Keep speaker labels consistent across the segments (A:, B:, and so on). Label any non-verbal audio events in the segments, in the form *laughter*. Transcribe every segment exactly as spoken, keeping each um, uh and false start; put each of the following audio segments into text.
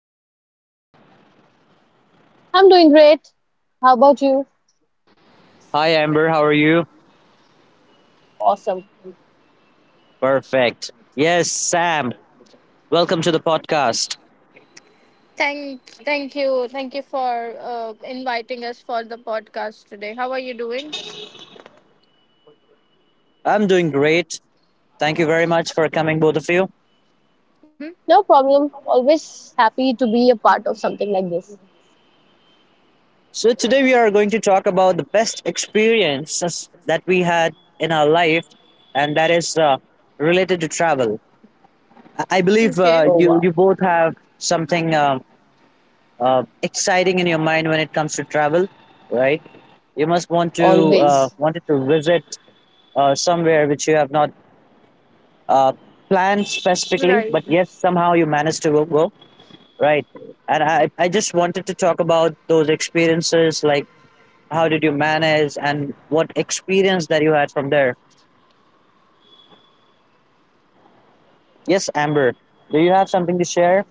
A: How are you doing?
B: I'm doing great. How about you?
A: Hi, Amber. How are you?
B: Awesome.
A: Perfect. Yes, Sam. Welcome to the podcast.
C: Thank, thank you, thank you for uh, inviting us for the podcast today. How are you doing?
A: I'm doing great. Thank you very much for coming, both of you.
C: Mm-hmm.
B: No problem. Always happy to be a part of something like this.
A: So, today we are going to talk about the best experiences that we had in our life, and that is uh, related to travel. I, I believe
B: Oh,
C: Okay,
A: uh,
B: wow.
A: you, you both have something um, uh, exciting in your mind when it comes to travel, right? You must want to
B: Always.
A: uh, wanted to visit uh, somewhere which you have not uh, planned specifically,
C: right.
A: but yes, somehow you managed to go, go, right? And I, I just wanted to talk about those experiences, like how did you manage and what experience that you had from there. Yes, Amber, do you have something to share?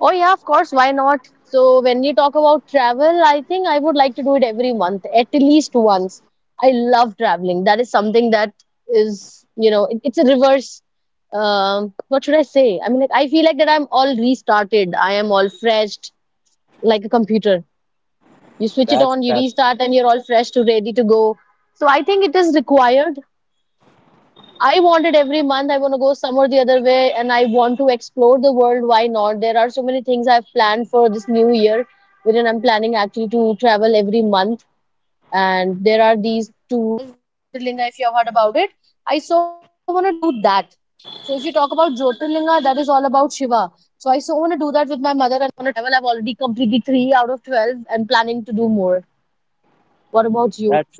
B: Oh, yeah, of course. Why not? So, when we talk about travel, I think I would like to do it every month, at least once. I love traveling. That is something that is, you know, it, it's a reverse. Um, what should I say? I mean, like, I feel like that I'm all restarted. I am all freshed, like a computer. You switch it
A: That's
B: on, you
A: that's
B: restart, and you're all fresh to ready to go. So I think it is required. I wanted every month I want to go some or the other way, and I want to explore the world. Why not? There are so many things I've planned for this new year, wherein I'm planning actually to travel every month, and there are and planning to do more. What about you?
A: that's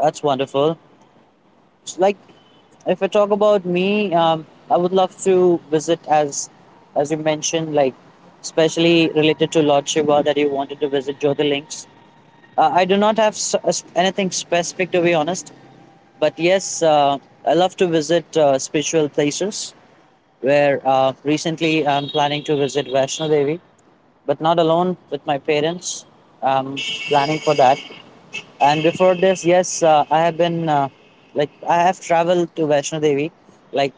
A: that's wonderful. It's like, if I talk about me, um, I would love to visit as as you mentioned, like especially related to Lord Shiva, that you wanted to visit Jyotirlinks. Uh, I do not have s- s- anything specific, to be honest, but yes, uh, I love to visit uh, spiritual places. Where uh, recently I'm planning to visit Vaishno Devi, but not alone, with my parents. I'm planning for that. And before this, yes, uh, I have been uh, like I have traveled to Vaishno Devi. Like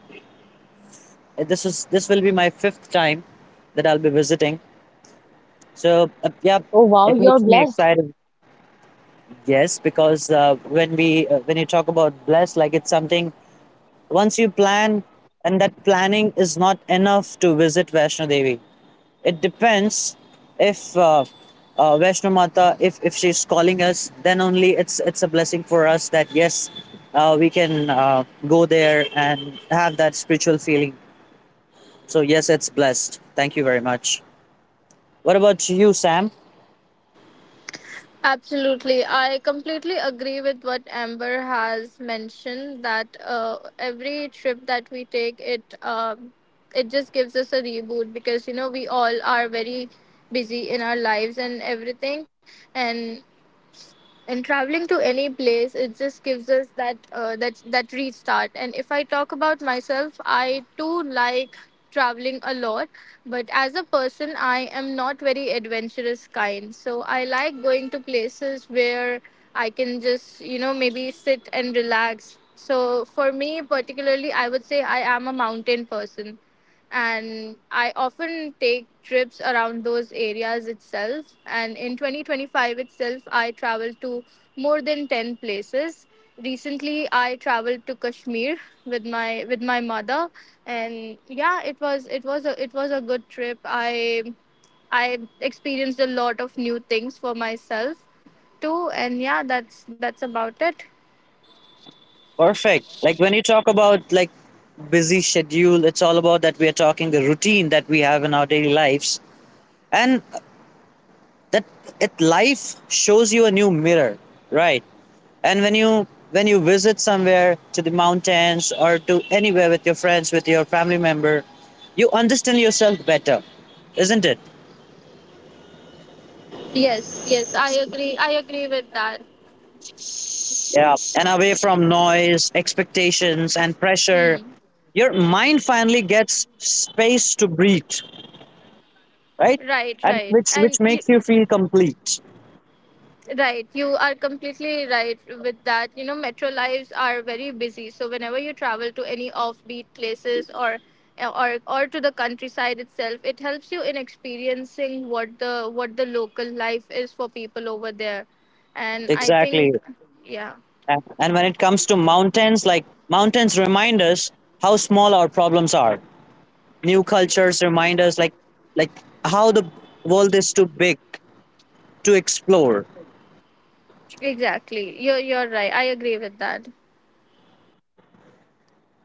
A: this is this will be my fifth time that I'll be visiting. So uh, yeah,
B: Oh wow,
A: it
B: you're
A: makes me
B: blessed.
A: excited. Yes, because uh, when we uh, when you talk about bless, like it's something. Once you plan, and that planning is not enough to visit Vaishno Devi. It depends if uh, uh, Vaishno Mata, if, if she's calling us, then only it's it's a blessing for us, that yes, uh, we can uh, go there and have that spiritual feeling. So yes, it's blessed. Thank you very much. What about you, Sam?
C: Absolutely, I completely agree with what Amber has mentioned. That uh, every trip that we take, it um, it just gives us a reboot because you know we all are very busy in our lives and everything, and and traveling to any place it just gives us that uh, that that restart. And if I talk about myself, I too like traveling a lot, but as a person I am not very adventurous kind, so I like going to places where I can just, you know, maybe sit and relax. So for me particularly, I would say I am a mountain person, and I often take trips around those areas itself. And in twenty twenty-five itself, I traveled to more than ten places. Recently, I traveled to Kashmir with my with my mother, and yeah, it was it was a it was a good trip. I I experienced a lot of new things for myself too, and yeah, that's that's about it.
A: Perfect. Like when you talk about like busy schedule, it's all about that we are talking the routine that we have in our daily lives. And that it life shows you a new mirror, right? And when you when you visit somewhere, to the mountains or to anywhere with your friends, with your family member, you understand yourself better, isn't it?
C: Yes, yes, I agree. I agree with that.
A: Yeah, and away from noise, expectations and pressure,
C: Hmm.
A: your mind finally gets space to breathe, right?
C: Right,
A: And
C: right.
A: which which
C: And you,
A: makes you feel complete,
C: right, you are completely right with that. You know, metro lives are very busy. So whenever you travel to any offbeat places, or or or to the countryside itself, it helps you in experiencing what the what the local life is for people over there. And I
A: exactly.
C: think yeah,
A: And and when it comes to mountains, like mountains remind us how small our problems are, new cultures remind us like like how the world is too big to explore.
C: exactly. You are you're you're right. I agree with that.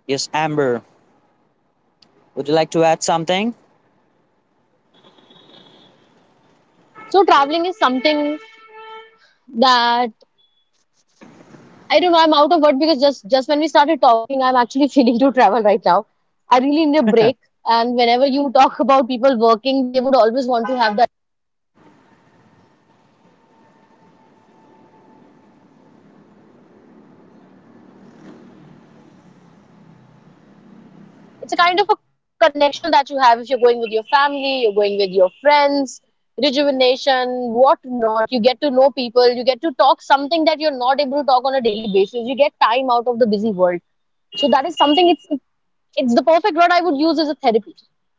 A: Yes, Amber, would you like to add something?
B: So traveling is something that I don't know. I'm out of word because just just when we started talking, I'm actually *laughs* feeling to travel right now. I really need a break. And whenever you talk about people working, they would always want to have that. It's a kind of a connection that you have if you're going with your family, you're going with your friends, rejuvenation, what not. You get to know people, you get to talk something that you're not able to talk on a daily basis. You get time out of the busy world. So that something. It's It's the perfect word I would use as a therapy,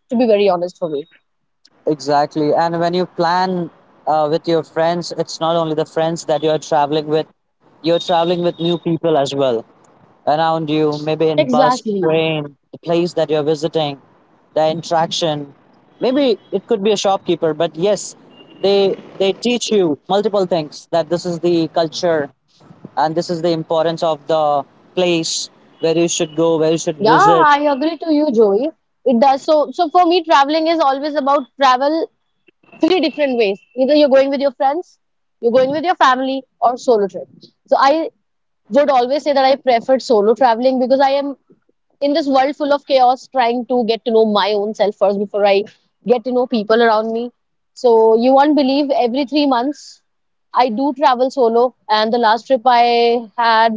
B: to be very honest for me.
A: Exactly, and when you plan uh, with your friends, it's not only the friends that you are traveling with, you're traveling with new people as well around you, maybe in bus,
B: Exactly.
A: train, the place that you're visiting, the interaction, maybe it could be a shopkeeper, but yes, they they teach you multiple things, that this is the culture and this is the importance of the place, where you should go, where you should
B: Yeah,
A: visit.
B: I agree to you, Joey. It does. So, so for me, traveling is always about travel three different ways. Either you're going with your friends, you're going with your family, or solo trip. So I would always say that I preferred solo traveling because I am in this world full of chaos trying to get to know my own self first before I get to know people around me. So you won't believe every three months I do travel solo, and last trip I had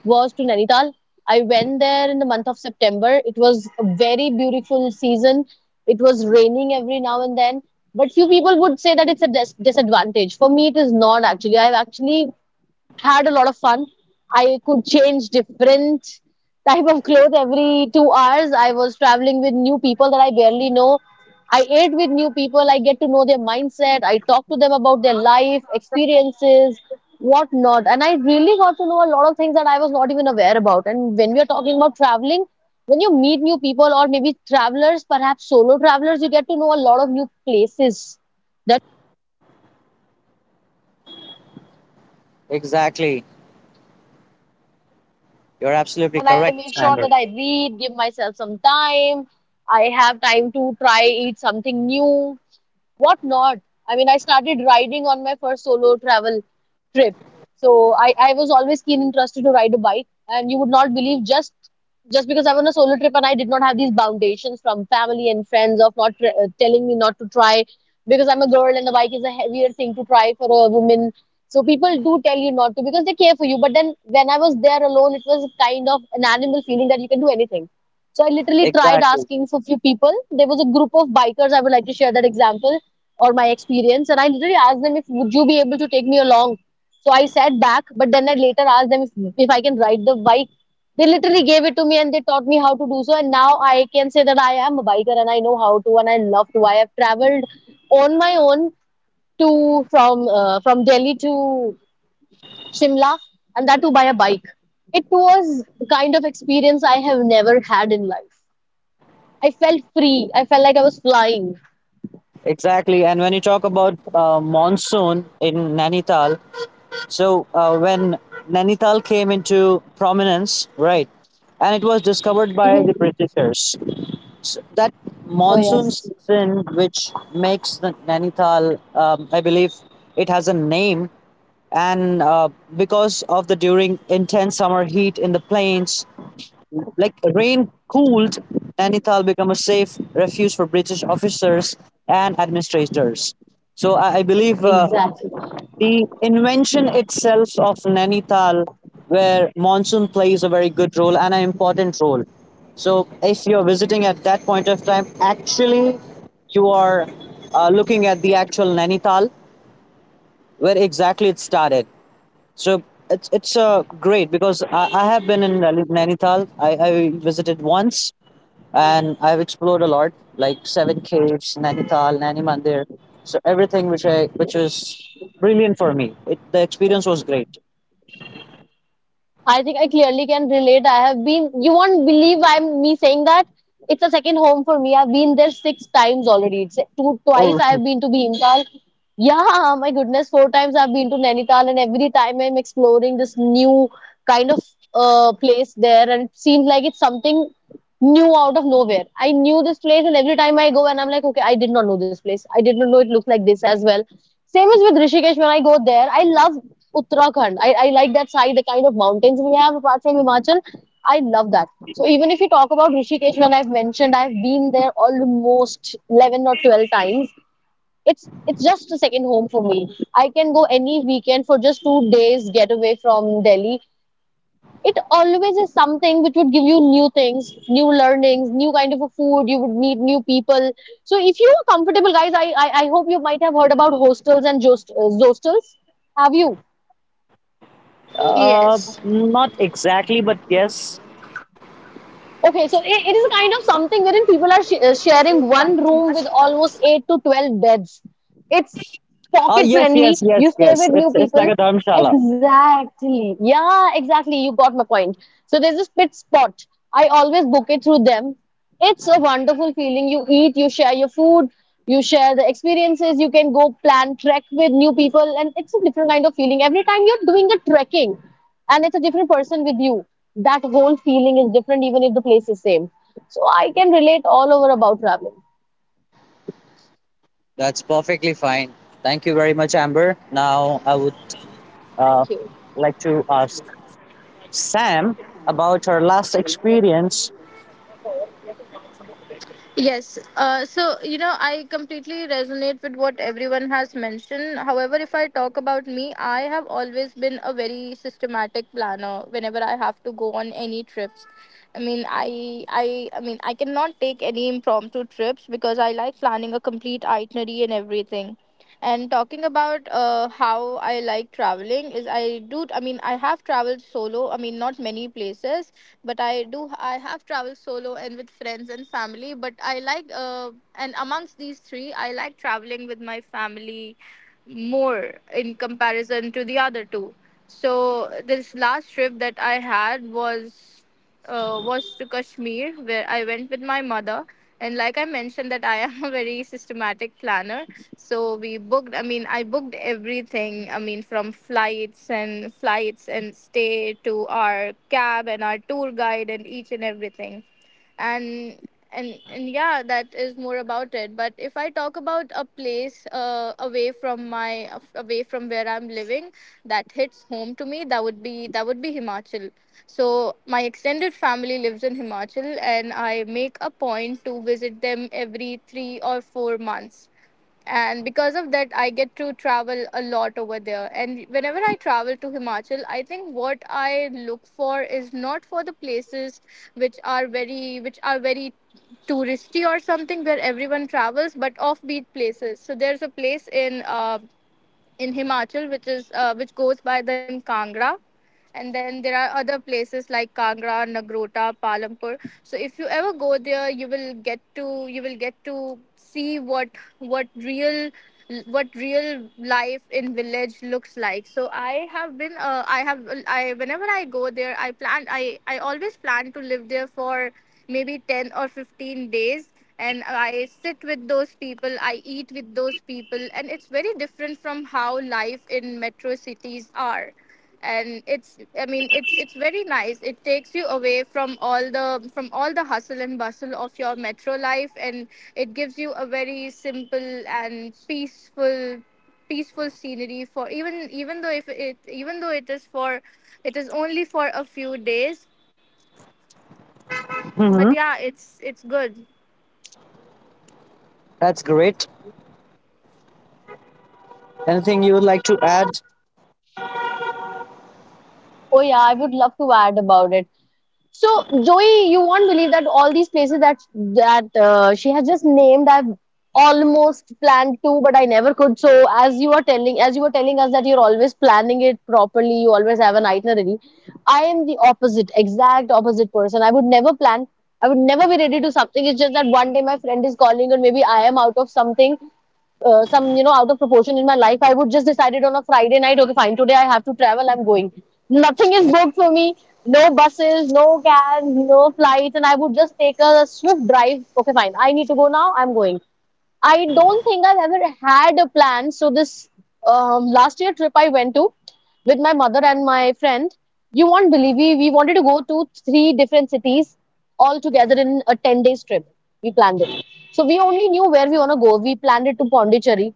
B: was to Nainital. I went there in the month of September. It was a very beautiful season. It was raining every now and then. But few people would say that it's a dis- disadvantage. For me, it is not actually. I've actually had a lot of fun. I could change different type of clothes every two hours. I was traveling with new people that I barely know. I ate with new people. I get to know their mindset. I talk to them about their life experiences, whatnot. And I really got to know a lot of things that I was not even aware about. And when we are talking about traveling, when you meet new people or maybe travelers, perhaps solo travelers, you get to know a lot of new places.
A: Exactly, you're absolutely
B: But I
A: correct.
B: make sure
A: Standard.
B: that I read, give myself some time. I have time to try eat something new, what not? I mean, I started riding on my first solo travel trip. So I, I was always keen interested to ride a bike, and you would not believe just just because I was on a solo trip, and I did not have these foundations from family and friends of not tr- uh, telling me not to try because I'm a girl, and the bike is a heavier thing to try for a woman. So people do tell you not to because they care for you. But then when I was there alone, it was kind of an animal feeling that you can do anything. So I literally tried
A: Exactly,
B: asking for few people. There was a group of bikers. I would like to share that example or my experience, and I literally asked them if would you be able to take me along, so I sat back. But then I later asked them if, if I can ride the bike. They literally gave it to me, and they taught me how to do so, and now I can say that I am a biker, and I know how to, and I love to. I have traveled on my own to, from uh, from Delhi to Shimla, and that too by a bike. It was the kind of experience I have never had in life. I felt free, I felt like I was flying.
A: exactly. And when you talk about uh, monsoon in Nainital, so uh, when Nainital came into prominence, right, and it was discovered by the Britishers. So that
B: *laughs* Oh
A: monsoon
B: yes,
A: season, which makes the Nainital, um, I believe it has a name, and uh, because of the during intense summer heat in the plains, like rain cooled Nainital became a safe refuge for British officers and administrators. So i, I believe uh,
B: exactly.
A: the invention itself of Nainital, where monsoon plays a very good role and an important role, so if you're visiting at that point of time, actually you are uh, looking at the actual Nainital, where exactly it started. So it's it's uh, great, because I, I have been in Nali- Nainital. I, I visited once and I've explored a lot, like Seven Caves, Nainital, Nani Mandir. So everything which I which was brilliant for me. It, the experience was great.
B: I think I clearly can relate. I have been, you won't believe I'm me saying that. It's a second home for me. I've been there six times already. It's two,
A: Oh,
B: twice I have been to Bhimtal. Yeah, my goodness, four times I've been to Nainital, and every time I'm exploring this new kind of uh, place there, and it seems like it's something new out of nowhere. I knew this place, and every time I go, and I'm like, okay, I did not know this place. I did not know it looks like this as well. Same as with Rishikesh, when I go there, I love Uttarakhand. I, I like that side, the kind of mountains we have apart from Himachal. I love that. So even if you talk about Rishikesh, when I've mentioned I've been there almost eleven or twelve times, it's it's just a second home for me. I can go any weekend for just two days get away from Delhi. It always is something which would give you new things, new learnings, new kind of a food. You would meet new people. So if you are comfortable, guys, I I, I hope you might have heard about hostels and jost- uh, zostels. Have you?
A: uh,
C: Yes.
A: not exactly, but yes.
B: Okay, so it, it is a kind of something wherein people are sh- uh, sharing one room with almost eight to twelve beds. It's
A: Oh,
B: pocket
A: yes,
B: friendly.
A: yes,
B: You
A: yes,
B: stay
A: yes.
B: with
A: It's
B: new
A: it's like
B: people.
A: a dharmshala.
B: Exactly. Yeah, exactly. You got my point. So there's this pit spot. I always book it through them. It's a wonderful feeling. You eat, you share your food, you share the experiences. You can go plan trek with new people, and it's a different kind of feeling. Every time you're doing the trekking, and it's a different person with you. That whole feeling is different, even if the place is same. So I can relate all over about traveling.
A: That's perfectly fine. Thank you very much, Amber. Now I would uh,
B: Thank you.
A: like to ask Sam about her last experience.
C: Yes. Uh, so, you know, I completely resonate with what everyone has mentioned. However, if I talk about me, I have always been a very systematic planner whenever I have to go on any trips. I mean, I, I, I mean, I cannot take any impromptu trips because I like planning a complete itinerary and everything. And talking about uh, how I like traveling is I do. I mean, I have traveled solo. I mean, not many places, but I do. I have traveled solo and with friends and family, but I like uh, and amongst these three, I like traveling with my family more in comparison to the other two. So this last trip that I had was uh, was to Kashmir, where I went with my mother. And like I mentioned that I am *laughs* a very systematic planner, so we booked, I mean, I booked everything. I mean, from flights and flights and stay to our cab and our tour guide and each and everything. And and and yeah, that is more about it. But if I talk about a place uh, away from my away from where I'm living, that hits home to me. That would be that would be Himachal. So my extended family lives in Himachal, and I make a point to visit them every three or four months. And because of that, I get to travel a lot over there, and whenever I travel to Himachal, I think what I look for is not for the places which are very which are very touristy or something where everyone travels, but offbeat places. So there's a place in uh, in Himachal, which is uh, which goes by the name Kangra, and then there are other places like Kangra, Nagrota, Palampur. So if you ever go there, you will get to you will get to see what what real what real life in village looks like. So I have been uh, I have I whenever I go there, i plan i i always plan to live there for maybe ten or fifteen days, and I sit with those people, I eat with those people, and it's very different from how life in metro cities are. And it's i mean it's it's very nice. It takes you away from all the from all the hustle and bustle of your metro life, and it gives you a very simple and peaceful peaceful scenery, for even even though if it even though it is for, it is only for a few days. But
A: Hmm.
C: yeah, it's it's good.
A: That's great. Anything you would like to add?
B: Oh yeah, I would love to add about it. So, Joey, you won't believe that all these places that that uh, she has just named, I've almost planned to, but I never could. So, as you are telling, as you were telling us that you're always planning it properly, you always have an itinerary. I am the opposite, exact opposite person. I would never plan. I would never be ready to something. It's just that one day my friend is calling, or maybe I am out of something, uh, some you know out of proportion in my life. I would just decided on a Friday night, okay fine, today I have to travel, I'm going. Nothing is booked for me, no buses, no cabs, no flights, and I would just take a swift drive, okay fine, I need to go now, I'm going. I don't think I've ever had a plan. So this um, last year trip I went to with my mother and my friend, you won't believe we we wanted to go to three different cities all together in a ten days trip. We planned it. So we only knew where we want to go. We planned it to Pondicherry,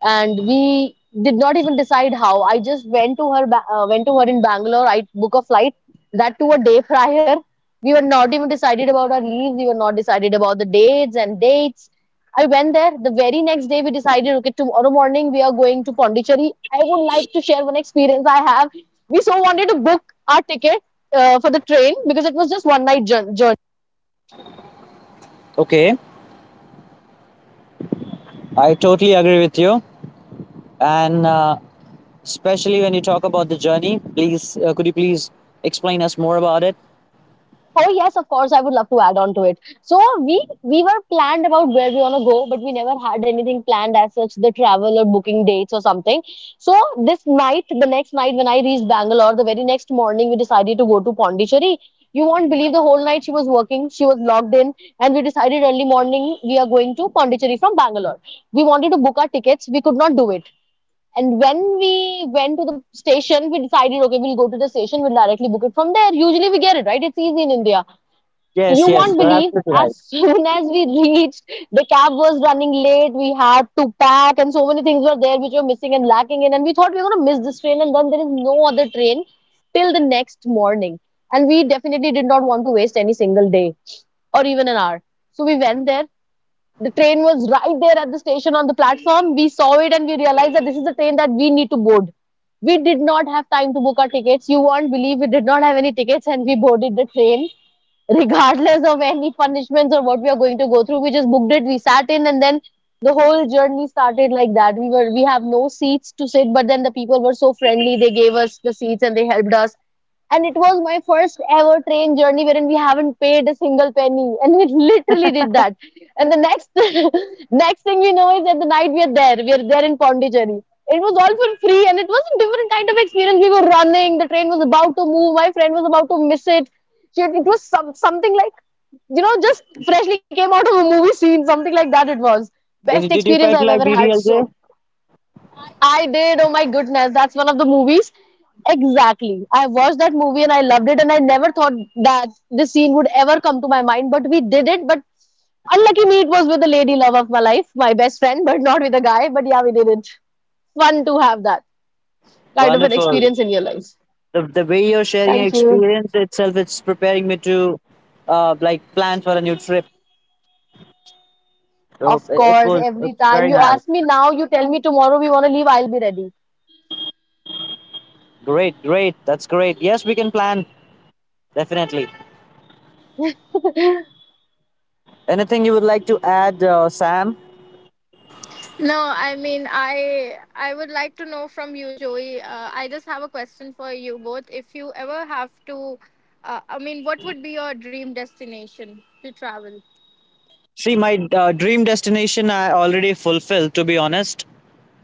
B: and we did not even decide how. I just went to her ba- uh, went to her in Bangalore. I book a flight, that to a day *laughs* prior. We were not even decided about our leaves. We were not decided about the dates and dates. I went there the very next day. We decided, okay, tomorrow morning we are going to Pondicherry. I would like to share one experience I have. We so wanted to book our ticket uh, for the train because it was just one night jour- journey.
A: Okay, I totally agree with you. And uh, especially when you talk about the journey, please, uh, could you please explain us more about it?
B: Oh yes, of course. I would love to add on to it. So we we were planned about where we wanna go, but we never had anything planned as such, the travel or booking dates or something. So this night, the next night when I reached Bangalore, the very next morning we decided to go to Pondicherry. You won't believe the whole night she was working, she was logged in, and we decided early morning we are going to Pondicherry from Bangalore. We wanted to book our tickets, we could not do it. And when we went to the station, we decided, okay, we'll go to the station, we'll directly book it from there. Usually we get it, right? It's easy in India.
A: Yes,
B: You
A: yes,
B: won't
A: you're
B: believe,
A: absolutely right.
B: as soon *laughs* as we reached, the cab was running late. We had to pack, and so many things were there which were missing and lacking in. And we thought we were going to miss this train, and then there is no other train till the next morning. And we definitely did not want to waste any single day or even an hour. So we went there. The train was right there at the station on the platform. We saw it and we realized that this is the train that we need to board. We did not have time to book our tickets. You won't believe we did not have any tickets, and we boarded the train regardless of any punishments or what we are going to go through. We just booked it, we sat in, and then the whole journey started like that. We were we have no seats to sit, but then the people were so friendly, they gave us the seats and they helped us. And it was my first ever train journey wherein we haven't paid a single penny *laughs* and we literally did that. And the next *laughs* next thing we know is that the night we are there we are there in Pondicherry. It was all for free, and it was a different kind of experience. We were running, the train was about to move, my friend was about to miss it. She had, it was some something like, you know just freshly came out of a movie scene, something like that. It was
A: Did,
B: best
A: did you
B: experience
A: felt
B: I've
A: like
B: ever had.
A: D D L J?
B: So I did. Oh my goodness, that's one of the movies. Exactly. I watched that movie and I loved it, and I never thought that this scene would ever come to my mind. But we did it. But unlucky me, it was with the lady love of my life, my best friend, but not with a guy. But yeah, we did it. Fun to have that kind of an
A: Wonderful.
B: experience in your life.
A: The, the way you're sharing your
B: Thank you.
A: experience itself, it's preparing me to uh, like plan for a new trip. So
B: Of
A: it, it
B: course,
A: was
B: every
A: it's
B: time
A: very
B: you
A: nice.
B: ask me now, you tell me tomorrow we want to leave, I'll be ready.
A: Great, great. That's great. Yes, we can plan. Definitely. Anything you would like to add, uh, Sam?
C: No, I mean, I I would like to know from you, Joey. Uh, I just have a question for you both. If you ever have to, uh, I mean, what would be your dream destination to travel?
A: See, my uh, dream destination I already fulfilled, to be honest.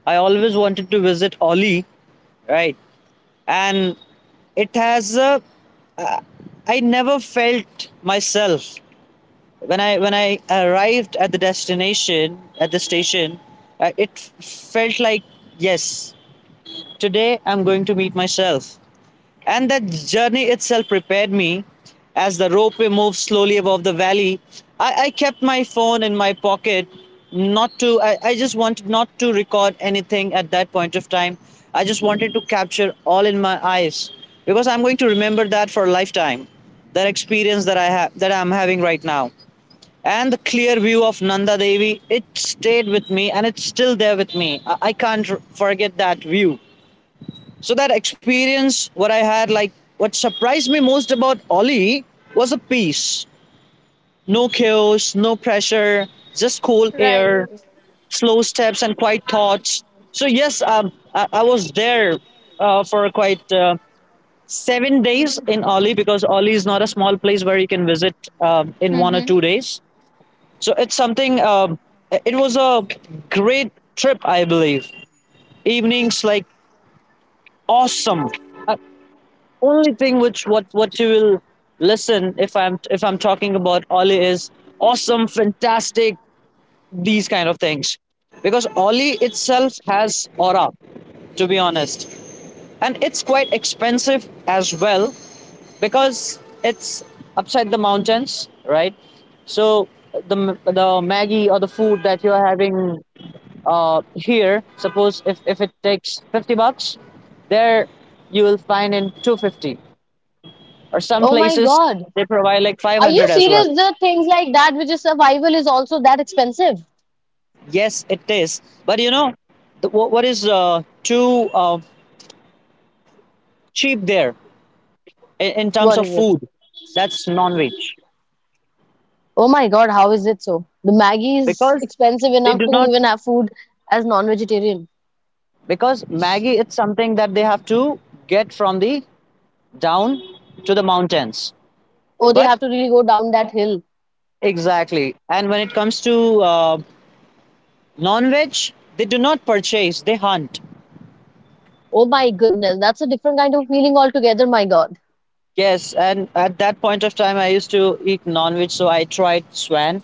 A: I always wanted to visit Oli, right? And it has, uh, I never felt myself when I when I arrived at the destination, at the station. Uh, it f- felt like, yes, today I'm going to meet myself. And that journey itself prepared me. As the ropeway moved slowly above the valley, I, I kept my phone in my pocket, not to, I, I just wanted not to record anything at that point of time. I just wanted to capture all in my eyes, because I'm going to remember that for a lifetime, that experience that I have, that I'm having right now. And the clear view of Nanda Devi, it stayed with me and it's still there with me. I, I can't forget that view. So that experience, what I had, like what surprised me most about Ollie, was the peace. No chaos, no pressure, just cool
C: Right.
A: air, slow steps, and quiet thoughts. So yes, um, I, I was there uh, for quite uh, seven days in Ollie, because Ollie is not a small place where you can visit um, in one or
C: Mm-hmm.
A: two days. So it's something. Um, it was a great trip, I believe. Evenings, like, awesome. Uh, Only thing which what what you will listen, if i'm if i'm talking about Ollie, is awesome, fantastic, these kind of things, because Ollie itself has aura, to be honest. And it's quite expensive as well, because it's upside the mountains, right? So the the maggie or the food that you are having uh, here, suppose if if it takes fifty bucks, there you will find in two hundred fifty, or some
B: Oh my
A: places
B: God.
A: they provide like
B: Are you
A: five hundred as well.
B: serious? The things like that, which is survival, is also that expensive.
A: Yes, it is. But you know, the, what, what is uh, too uh, cheap there, in, in terms
B: What
A: of
B: is it?
A: food, that's non-veg.
B: Oh my God, how is it so? The Maggie is
A: Because
B: expensive
A: they
B: enough
A: do
B: to
A: not,
B: even have food as non-vegetarian.
A: because maggie, it's something that they have to get from the down to the mountains.
B: Oh, they
A: But
B: have to really go down that hill.
A: exactly, and when it comes to uh, non-veg, they do not purchase, they hunt.
B: Oh my goodness, that's a different kind of feeling altogether, my God.
A: Yes, and at that point of time I used to eat non-veg, so I tried swan,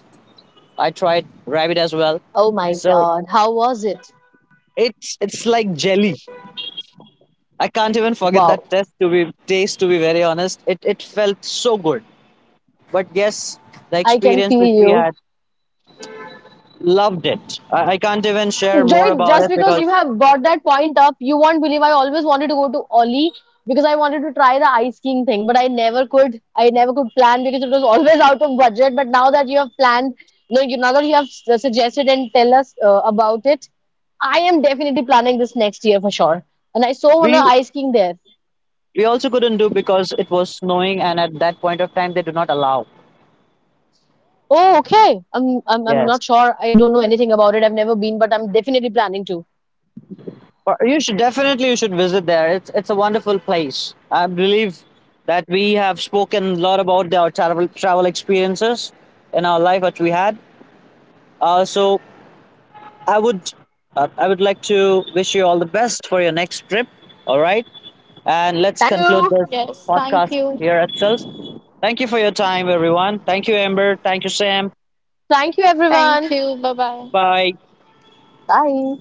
A: I tried rabbit as well.
B: Oh my
A: So
B: God, how was it?
A: it's it's like jelly. I can't even forget that
B: Wow,
A: test to be taste, to be very honest. It it felt so good. But yes, the
B: I can
A: experience
B: feel
A: which we
B: you.
A: had, loved it. I, I can't even share more
B: Joy,
A: about
B: just
A: it,
B: because you
A: because
B: have brought that point up, you won't believe I always wanted to go to Oli, because I wanted to try the ice skiing thing, but I never could. I never could plan because it was always out of budget. But now that you have planned, no, you now that you have s- suggested and tell us uh, about it, I am definitely planning this next year for sure. And I so wanna
A: we
B: ice skiing there.
A: we also couldn't do, because it was snowing, and at that point of time they do not allow.
B: Oh, okay. I'm I'm I'm
A: Yes.
B: not sure. I don't know anything about it. I've never been, but I'm definitely planning to.
A: Or, you should definitely, you should visit there. It's it's a wonderful place. I believe that we have spoken a lot about our travel travel experiences in our life that we had. Uh, so I would, uh, I would like to wish you all the best for your next trip. All right, and let's
B: Thank
A: conclude this
B: you.
C: Yes. Thank
A: podcast
C: you.
A: here itself. Thank you for your time, everyone. Thank you, Amber. Thank you, Sam.
B: Thank you,
C: Thank
B: everyone.
C: you. Bye bye.
A: Bye.
B: Bye.